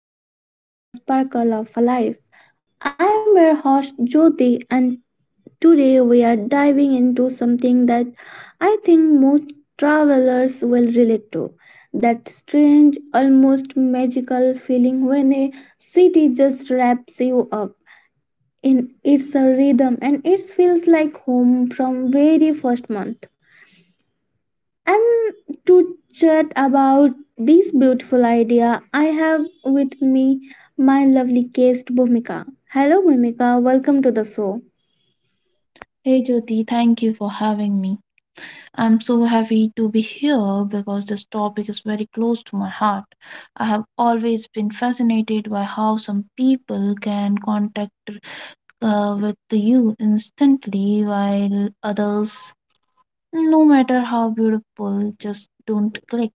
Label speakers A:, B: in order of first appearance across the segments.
A: to another episode of Sparkle of Life. I am your host Jyoti and today we are diving into something that I think most travelers will relate to. That strange, almost magical feeling when a city just wraps you up in its rhythm and it feels like home from very first month. And to chat about this beautiful idea, I have with me my lovely guest Bhumika. Hello, Bhumika. Welcome to the show.
B: Hey Jyoti, thank you for having me. I'm so happy to be here because this topic is very close to my heart. I have always been fascinated by how some people can contact with you instantly while others, no matter how beautiful, just don't click.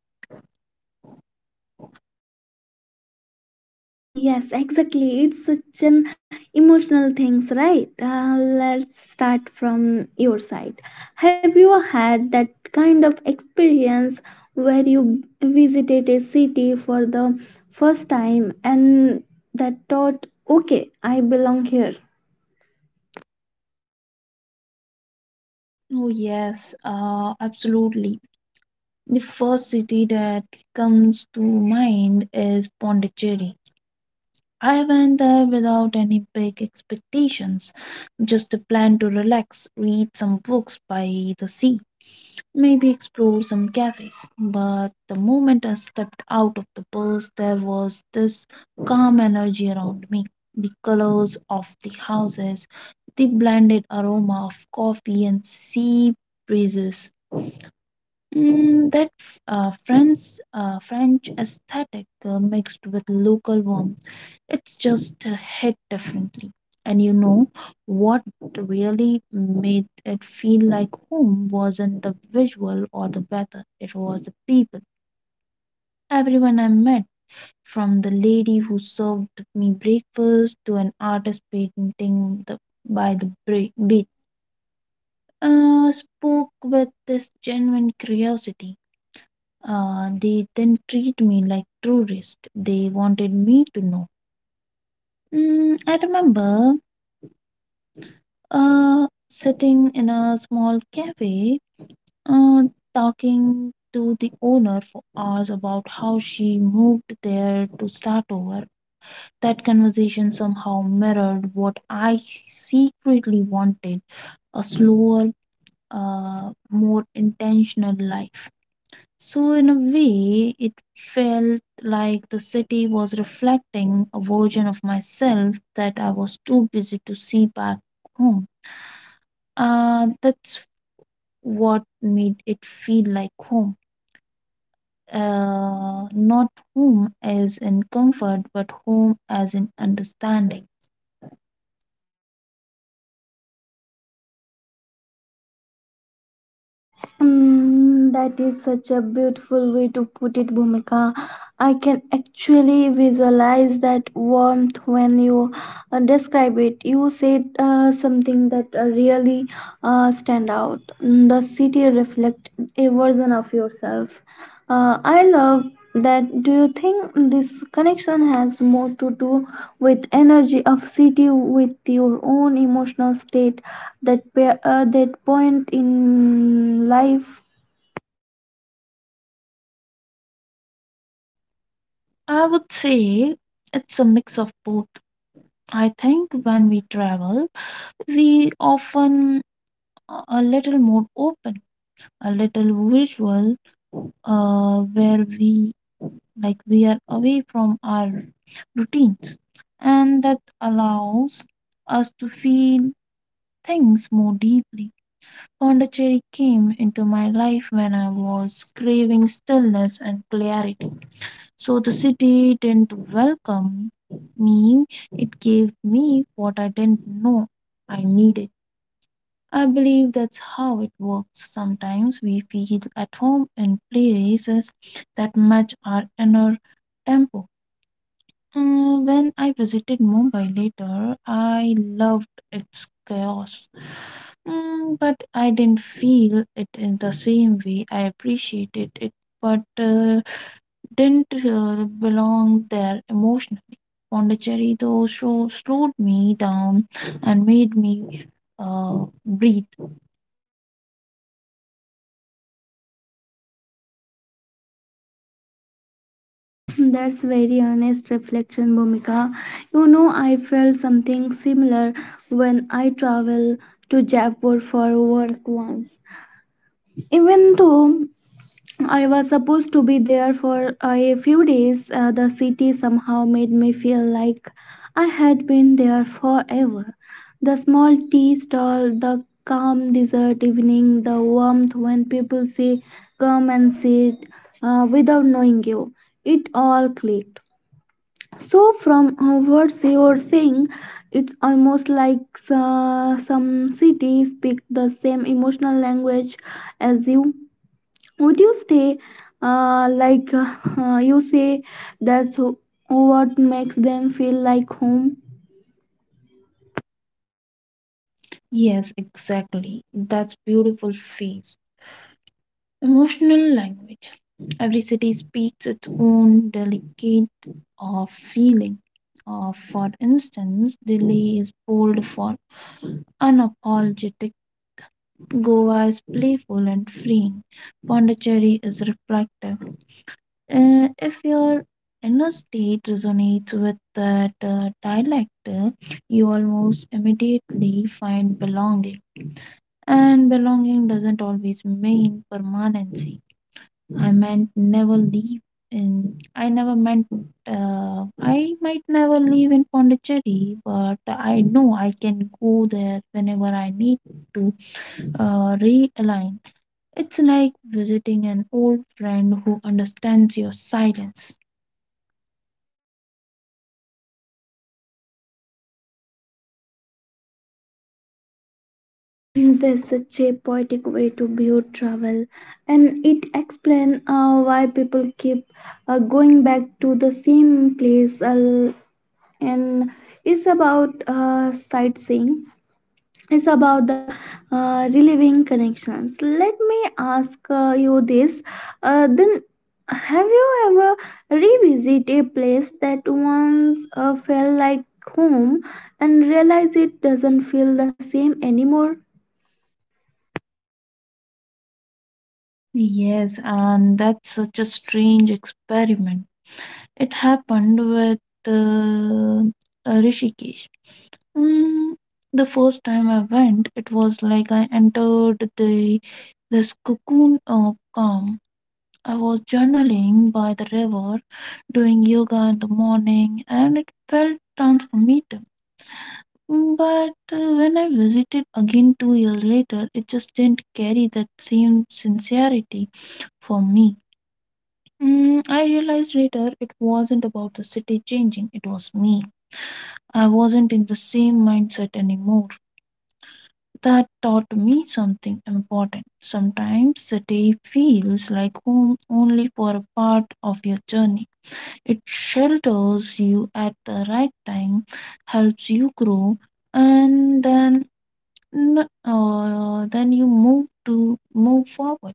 A: Ah, yes, exactly. It's such an emotional things, right? Let's start from your side. Have you had that kind of experience where you visited a city for the first time and that thought, okay, I belong here?
B: Oh, yes, absolutely. The first city that comes to mind is Pondicherry. I went there without any big expectations, just a plan to relax, read some books by the sea, maybe explore some cafes. But the moment I stepped out of the bus, there was this calm energy around me. The colors of the houses, the blended aroma of coffee and sea breezes. That uh, French, French aesthetic mixed with local warmth, it's just hit differently. And you know what really made it feel like home wasn't the visual or the weather, it was the people. Everyone I met, from the lady who served me breakfast to an artist painting by the beach, spoke with this genuine curiosity. They didn't treat me like tourist. They wanted me to know. I remember sitting in a small cafe, uh, talking to the owner for hours about how she moved there to start over. That conversation somehow mirrored what I secretly wanted, a slower, more intentional life. So, in a way, it felt like the city was reflecting a version of myself that I was too busy to see back home. That's what made it feel like home. Not home as in comfort, but home as in understanding.
A: Mm, that is such a beautiful way to put it, Bhumika. I can actually visualize that warmth when you describe it. You said something that really stand out. Mm, the city reflect a version of yourself. I love that. Do you think this connection has more to do with energy of city with your own emotional state that that point in life?
B: I would say it's a mix of both. I think when we travel, we often are a little more open, a little visual, where we, like, we are away from our routines, and that allows us to feel things more deeply. Pondicherry came into my life when I was craving stillness and clarity. So the city didn't welcome me, it gave me what I didn't know I needed. I believe that's how it works. Sometimes we feel at home in places that match our inner tempo. When I visited Mumbai later, I loved its chaos. Mm, but I didn't feel it in the same way. I appreciated it, but didn't belong there emotionally. Pondicherry, though, so slowed me down and made me breathe.
A: That's very honest reflection, Bhumika. You know, I felt something similar when I traveled to Jaipur for work once, even though I was supposed to be there for a few days. The city somehow made me feel like I had been there forever. The small tea stall, the calm desert evening, the warmth when people say, "Come and sit," without knowing you. It all clicked. So, from what you're saying, it's almost like some cities speak the same emotional language as you. Would you stay, you say, that's what makes them feel like home?
B: Yes, exactly. That's beautiful face. Emotional language. Every city speaks its own delicate of feeling. Or for instance, Delhi is bold for unapologetic, Goa is playful and freeing, Pondicherry is reflective. If your inner state resonates with that dialect, you almost immediately find belonging. And belonging doesn't always mean permanency. I meant never leave in. I never meant. I might never leave in Pondicherry, but I know I can go there whenever I need to realign. It's like visiting an old friend who understands your silence.
A: That's such a poetic way to view travel, and it explains why people keep going back to the same place. And it's about sightseeing. Is about the reliving connections. Let me ask you this. Then, have you ever revisit a place that once felt like home and realize it doesn't feel the same anymore?
B: Yes, and that's such a strange experiment. It happened with uh, Rishikesh. Mm, the first time I went, it was like I entered the this cocoon of calm. I was journaling by the river, doing yoga in the morning, and it felt transformative. But when I visited again 2 years later, it just didn't carry that same sincerity for me. I realized later it wasn't about the city changing, it was me. I wasn't in the same mindset anymore. That taught me something important. Sometimes city feels like home only for a part of your journey. It shelters you at the right time, helps you grow, and then you move to move forward.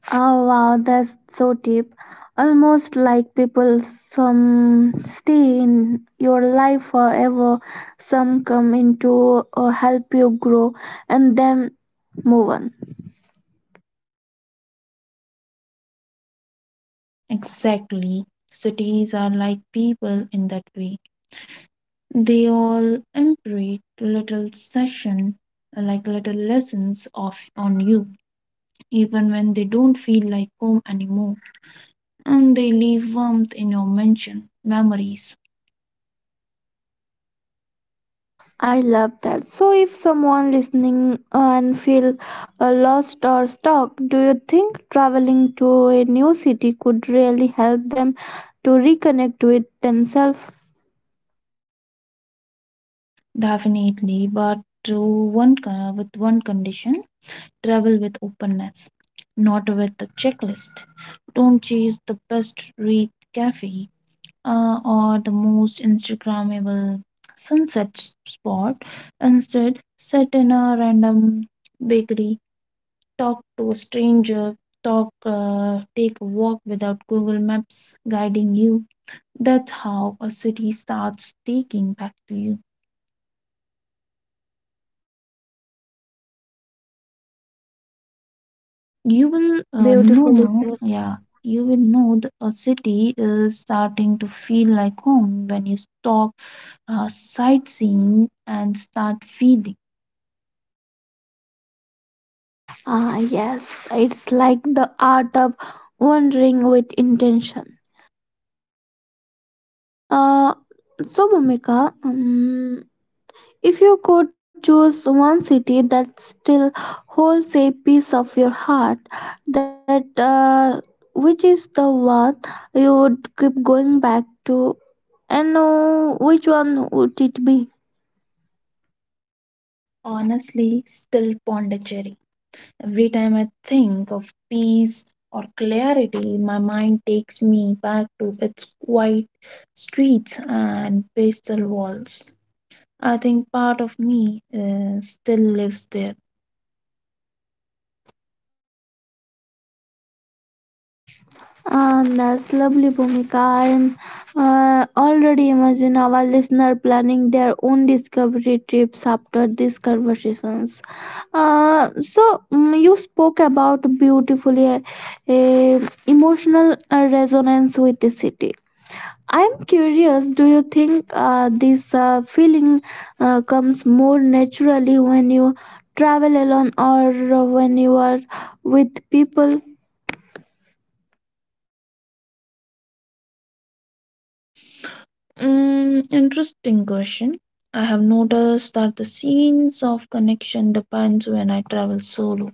A: Oh wow, that's so deep. Almost like people, some stay in your life forever, some come in to help you grow and then move on.
B: Exactly. Cities are like people in that way. They all imprint little session, like little lessons of on you, even when they don't feel like home anymore. And they leave warmth in your mention memories.
A: I love that. So, if someone listening and feel lost or stuck, do you think traveling to a new city could really help them to reconnect with themselves?
B: Definitely, but to with one condition: travel with openness, not with a checklist. Don't chase the best read cafe or the most Instagrammable spot. Instead, sit in a random bakery, talk to a stranger, take a walk without Google Maps guiding you. That's how a city starts taking back to you. You will, you will
A: Beautifully?
B: know,
A: Is.
B: yeah, you will know that a city is starting to feel like home when you stop sightseeing and start feeling.
A: Ah, yes. It's like the art of wandering with intention. Uh, so, Bhumika, if you could choose one city that still holds a piece of your heart, that which is the one you would keep going back to, and which one would it be?
B: Honestly, still Pondicherry. Every time I think of peace or clarity, my mind takes me back to its quiet streets and pastel walls. I think part of me still lives there.
A: And that's lovely, Bhumika. I'm already imagine our listener planning their own discovery trips after these conversations. So you spoke about beautifully uh, emotional resonance with the city. I'm curious. Do you think this feeling comes more naturally when you travel alone or when you are with people?
B: Mm, interesting question. I have noticed that the scenes of connection depends when I travel solo.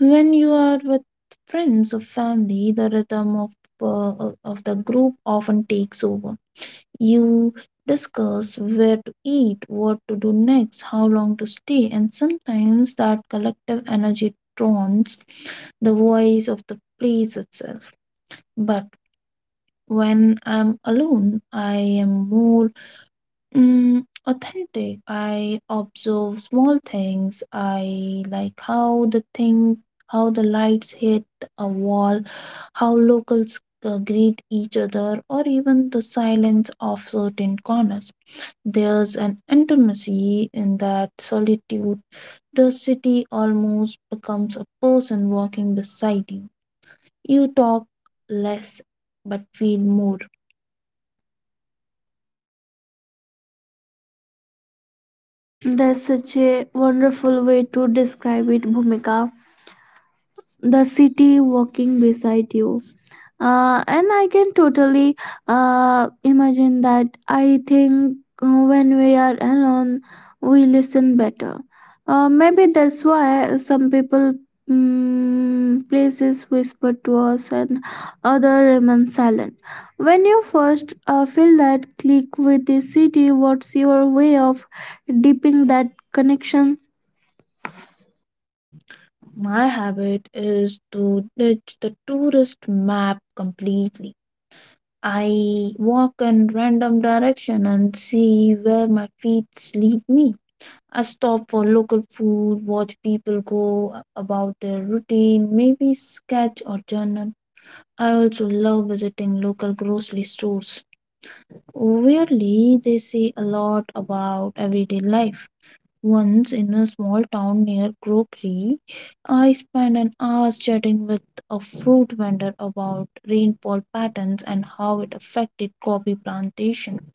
B: When you are with friends or family, the rhythm of the group often takes over. You discuss where to eat, what to do next, how long to stay, and sometimes that collective energy drowns the voice of the place itself. But when I'm alone, I am more authentic. I observe small things. I like how the lights hit a wall, how locals greet each other, or even the silence of certain corners. There's an intimacy in that solitude. The city almost becomes a person walking beside you. You talk less but feel more.
A: That's such a wonderful way to describe it, Bhumika. The city walking beside you. And I can totally imagine that. I think when we are alone, we listen better. Maybe that's why some people, places whisper to us and other remain silent. When you first feel that click with the city, what's your way of deepening that connection?
B: My habit is to ditch the tourist map completely. I walk in random direction and see where my feet lead me. I stop for local food, watch people go about their routine, maybe sketch or journal. I also love visiting local grocery stores. Weirdly, they say a lot about everyday life. Once in a small town near Crockery, I spent an hour chatting with a fruit vendor about rainfall patterns and how it affected coffee plantation.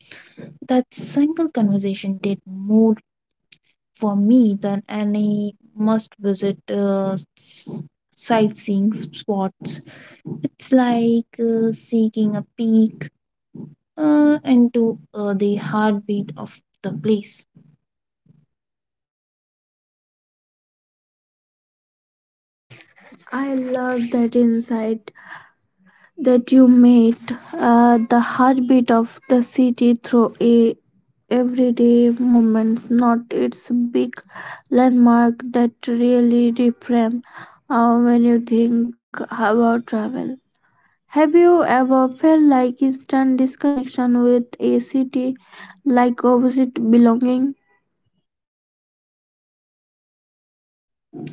B: That single conversation did more for me than any must visit sightseeing spots. It's like seeking a peek into the heartbeat of the place.
A: I love that insight that you made, the heartbeat of the city through a everyday moments, not its big landmark, that really reframe when you think about travel. Have you ever felt like instant disconnection with a city, like opposite belonging?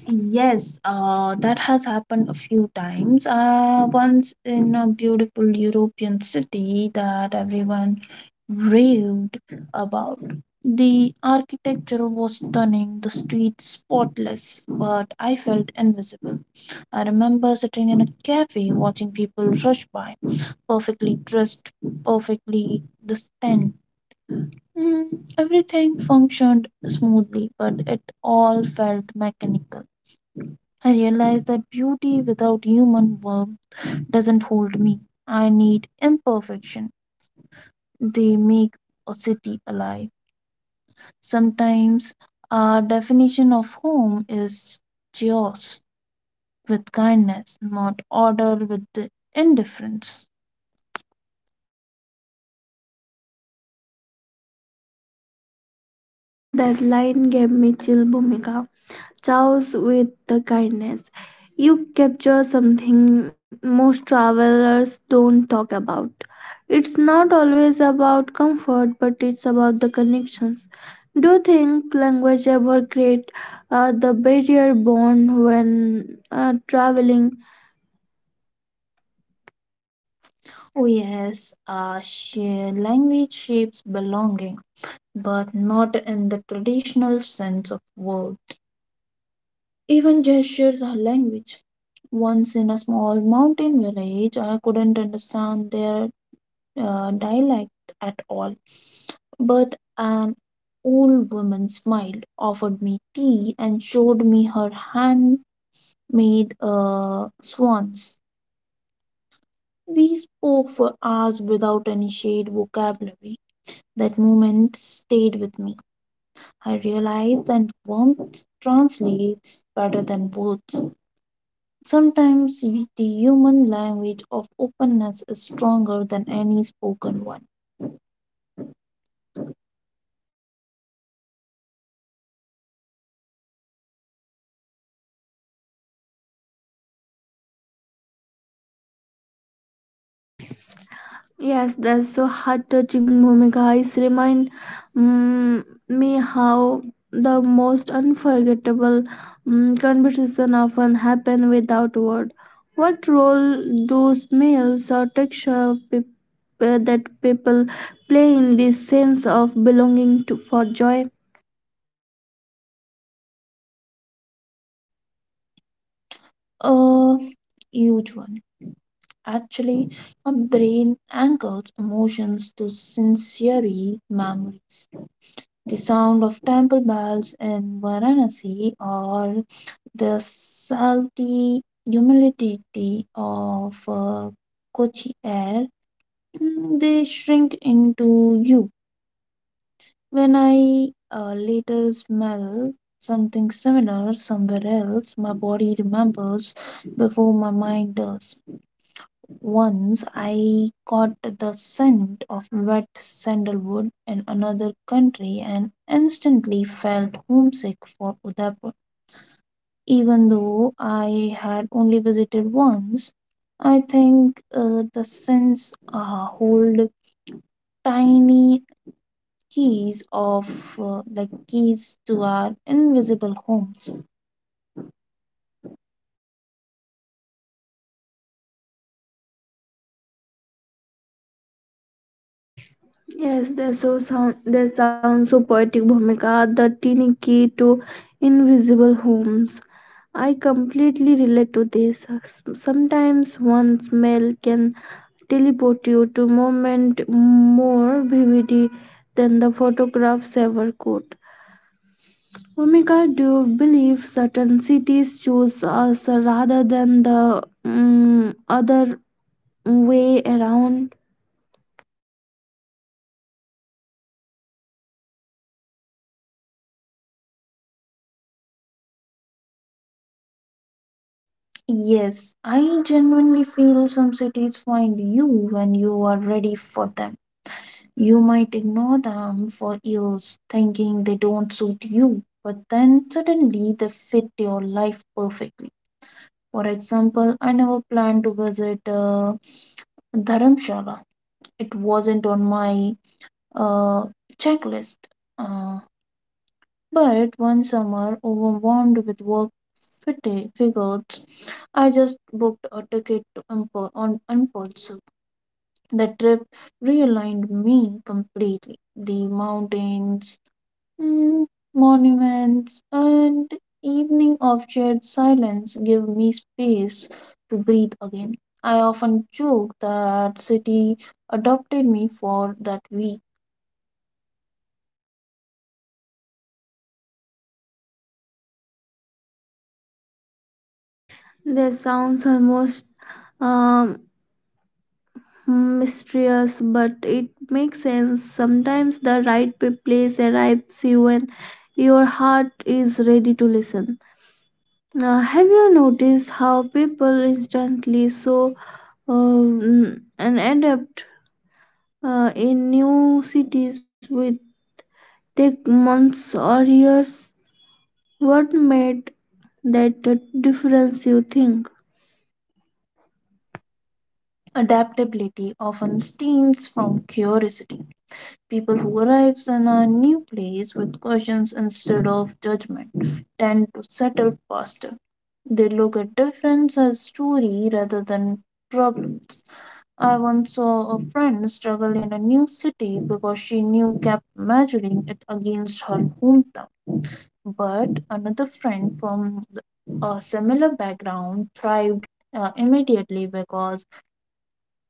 B: Yes, that has happened a few times. Once in a beautiful European city that everyone raved about. The architecture was stunning, the streets spotless, but I felt invisible. I remember sitting in a cafe watching people rush by, perfectly dressed, perfectly distant. Mm, everything functioned smoothly, but it all felt mechanical. I realized that beauty without human warmth doesn't hold me. I need imperfection. They make a city alive. Sometimes our definition of home is chaos with kindness, not order with indifference.
A: That line gave me chill, Bhumika. Chows with the kindness. You capture something most travelers don't talk about. It's not always about comfort, but it's about the connections. Do you think language ever create the barrier bond when traveling?
B: Oh, yes, shared language shapes belonging, but not in the traditional sense of word. Even gestures are language. Once in a small mountain village, I couldn't understand their dialect at all, but an old woman smiled, offered me tea, and showed me her handmade swans. We spoke for hours without any shared vocabulary. That moment stayed with me. I realized that warmth translates better than words. Sometimes the human language of openness is stronger than any spoken one.
A: Yes, that's so heart touching, Bhumika. It remind me how the most unforgettable conversation often happen without word. What role do smells or texture that people play in this sense of belonging to for joy?
B: A huge one. Actually, our brain anchors emotions to sensory memories. The sound of temple bells in Varanasi or the salty humidity of Kochi air, mm, they shrink into you. When I later smell something similar somewhere else, my body remembers before my mind does. Once I caught the scent of wet sandalwood in another country and instantly felt homesick for Udaipur. Even though I had only visited once, I think the scents hold tiny keys of, like keys to our invisible homes.
A: Yes, they so sound. They sound so poetic, Bhumika. The teeny key to invisible homes. I completely relate to this. Sometimes one smell can teleport you to moment more vividly than the photographs ever could. Omika, do you believe certain cities choose us rather than the other way around?
B: Yes, I genuinely feel some cities find you when you are ready for them. You might ignore them for years, thinking they don't suit you, but then suddenly they fit your life perfectly. For example, I never planned to visit Dharamshala. It wasn't on my uh, checklist. Uh, but one summer, overwhelmed with work figures, I just booked a ticket to on impulse. The trip realigned me completely. The mountains, Mm, monuments and evening of shared silence give me space to breathe again. I often joke that city adopted me for that week.
A: This sounds almost um, mysterious, but it makes sense. Sometimes the right place arrives you when your heart is ready to listen. Have you noticed how people instantly so and adapt in new cities with take months or years? What made that difference? You think?
B: Adaptability often stems from curiosity. People who arrives in a new place with questions instead of judgment tend to settle faster. They look at difference as story rather than problems. I once saw a friend struggle in a new city because she knew kept measuring it against her hometown. But another friend from a similar background thrived immediately because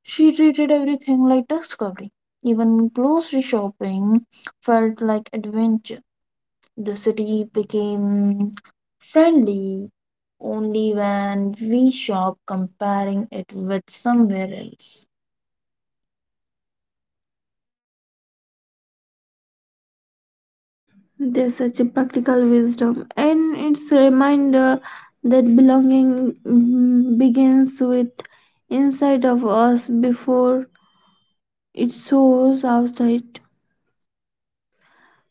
B: she treated everything like discovery. Even grocery shopping felt like adventure. The city became friendly only when we shop comparing it with somewhere else.
A: There's such a practical wisdom, and it's a reminder that belonging begins with inside of us before it soars outside.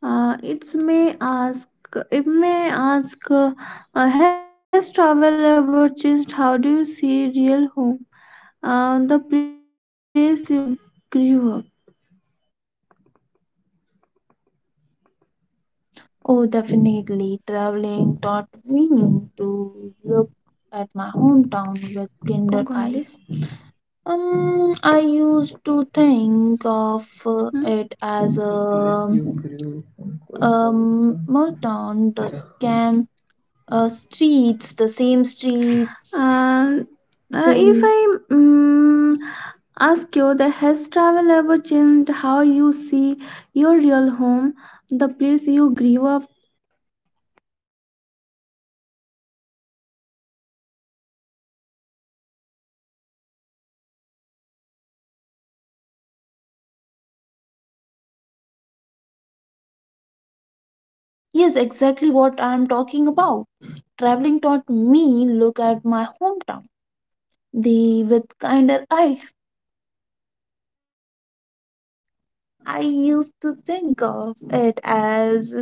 A: Uh, it may ask, it may ask, has travel ever changed? How do you see real home? The place you grew up.
B: Oh, definitely. Traveling taught me to look at my hometown with kinder eyes. I used to think of it as a small town, the scam streets, the same streets,
A: Uh, if
B: same.
A: I. Ask you that has travel ever changed how you see your real home, the place you grew up?
B: Yes, exactly what I am talking about. Traveling taught me look at my hometown, the with kinder eyes. I used to think of it as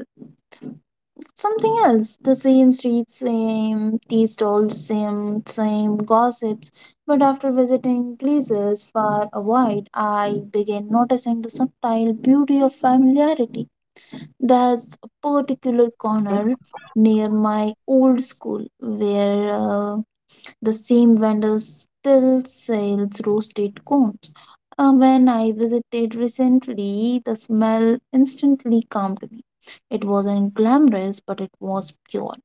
B: something else. The same streets, same tea stalls, same gossips. But after visiting places far wide, I began noticing the subtle beauty of familiarity. There's a particular corner near my old school where the same vendor still sells roasted cones. When I visited recently, the smell instantly calmed me. It wasn't glamorous, but it was pure.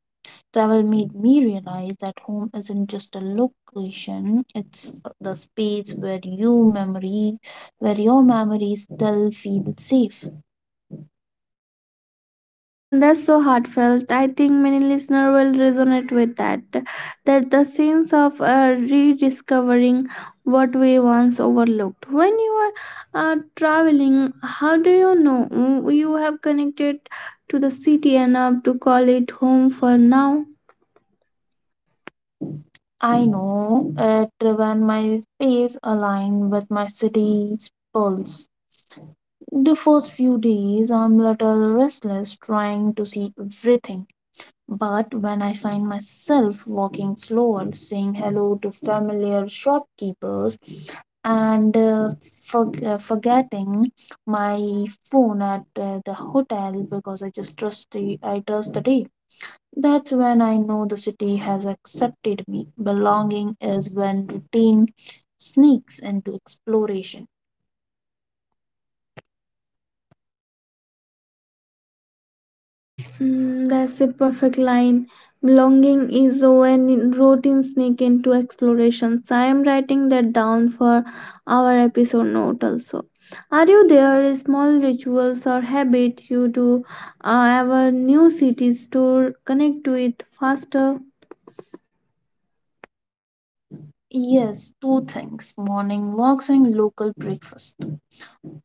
B: Travel made me realize that home isn't just a location, it's the space where you memory where your memories still feel safe.
A: That's so heartfelt. I think many listeners will resonate with that. That the sense of rediscovering what we once overlooked. When you are traveling, how do you know, you have connected to the city enough to call it home for now?
B: I know it when my space aligned with my city's pulse. The first few days, I'm little restless, trying to see everything. But when I find myself walking slower, saying hello to familiar shopkeepers, and forgetting my phone at the hotel because I trust the day. That's when I know the city has accepted me. Belonging is when routine sneaks into exploration.
A: Yes, that's a perfect line. Belonging is when routines sneak into explorations. I am writing that down for our episode note also. Are you there small rituals or habit you do our new cities to connect to it faster?
B: Yes, two things: morning walks and local breakfast.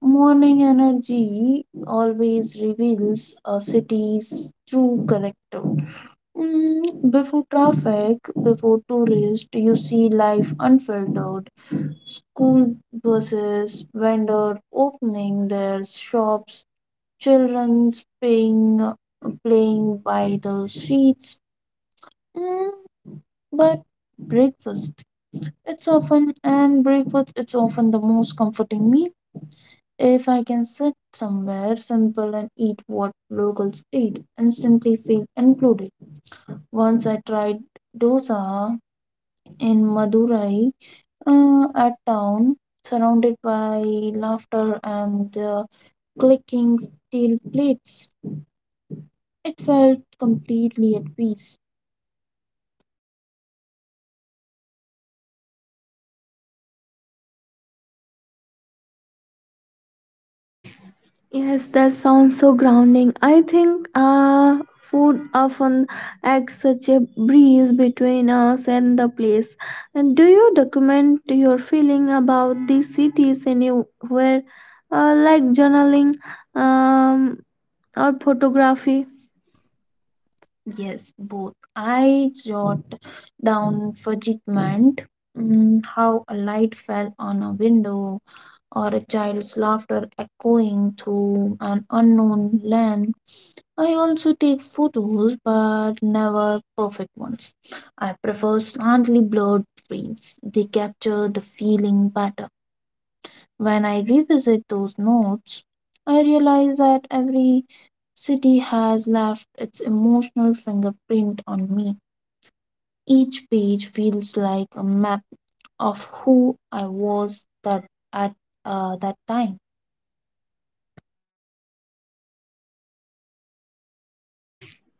B: Morning energy always reveals a city's true character. Mm, before traffic, before tourists, you see life unfiltered. School buses, vendors opening their shops, children playing, playing by the streets. Mm, but breakfast, it's often, and breakfast, it's often the most comforting meal. If I can sit somewhere simple and eat what locals eat and simply feel included. Once I tried dosa in Madurai at town, surrounded by laughter and the clicking steel plates. It felt completely at peace.
A: Yes, that sounds so grounding. I think food often acts such a breeze between us and the place. And do you document your feeling about these cities anywhere, like journaling um, or photography?
B: Yes, both. I jot down fugitment, mm, how a light fell on a window or a child's laughter echoing through an unknown land. I also take photos, but never perfect ones. I prefer slightly blurred frames. They capture the feeling better. When I revisit those notes, I realize that every city has left its emotional fingerprint on me. Each page feels like a map of who I was that at that time.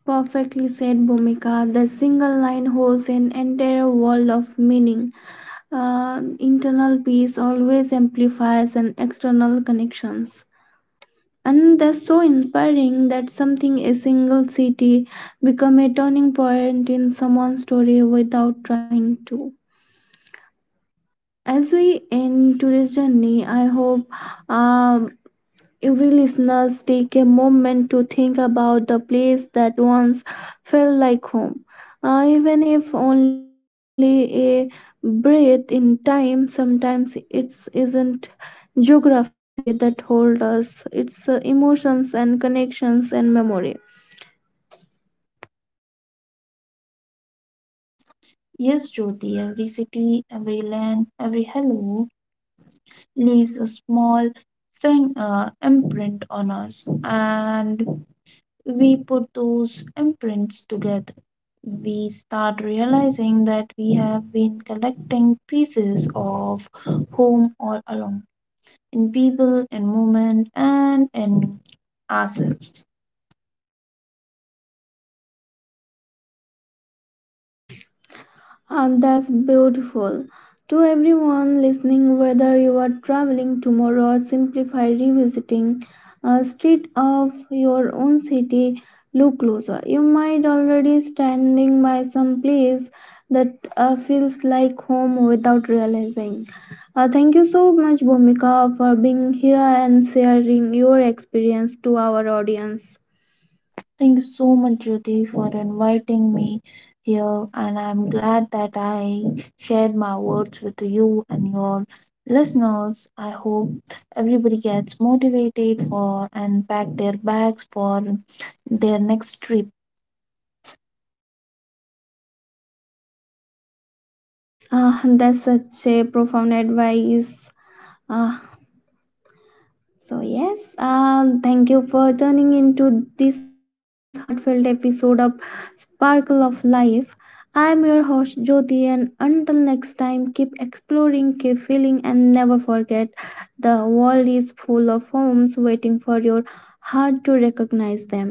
A: Perfectly said, Bhumika. The single line holds an entire world of meaning. Internal peace always amplifies an external connections. And that's so inspiring that something a single city become a turning point in someone's story without trying to. As we end today's journey, I hope um, every listeners take a moment to think about the place that once felt like home. Even if only a breath in time, sometimes it isn't geography that holds us, it's emotions and connections and memory.
B: Yes, Jyoti, every city, every land, every hello leaves a small imprint on us, and we put those imprints together. We start realizing that we have been collecting pieces of home all along in people, in movement, and in ourselves.
A: And that's beautiful. To everyone listening, whether you are traveling tomorrow or simplify revisiting a street of your own city, look closer. You might already standing by some place that feels like home without realizing. Thank you so much, Bhumika, for being here and sharing your experience to our audience.
B: Thank you so much, Jyoti, for inviting me here, and I'm glad that I shared my words with you and your listeners. I hope everybody gets motivated for and pack their bags for their next trip.
A: That's such a profound advice. Uh, So yes, thank you for turning into this heartfelt episode of Sparkle of Life. I am your host Jyoti, and until next time, keep exploring, keep feeling, and never forget, the world is full of homes waiting for your heart to recognize them.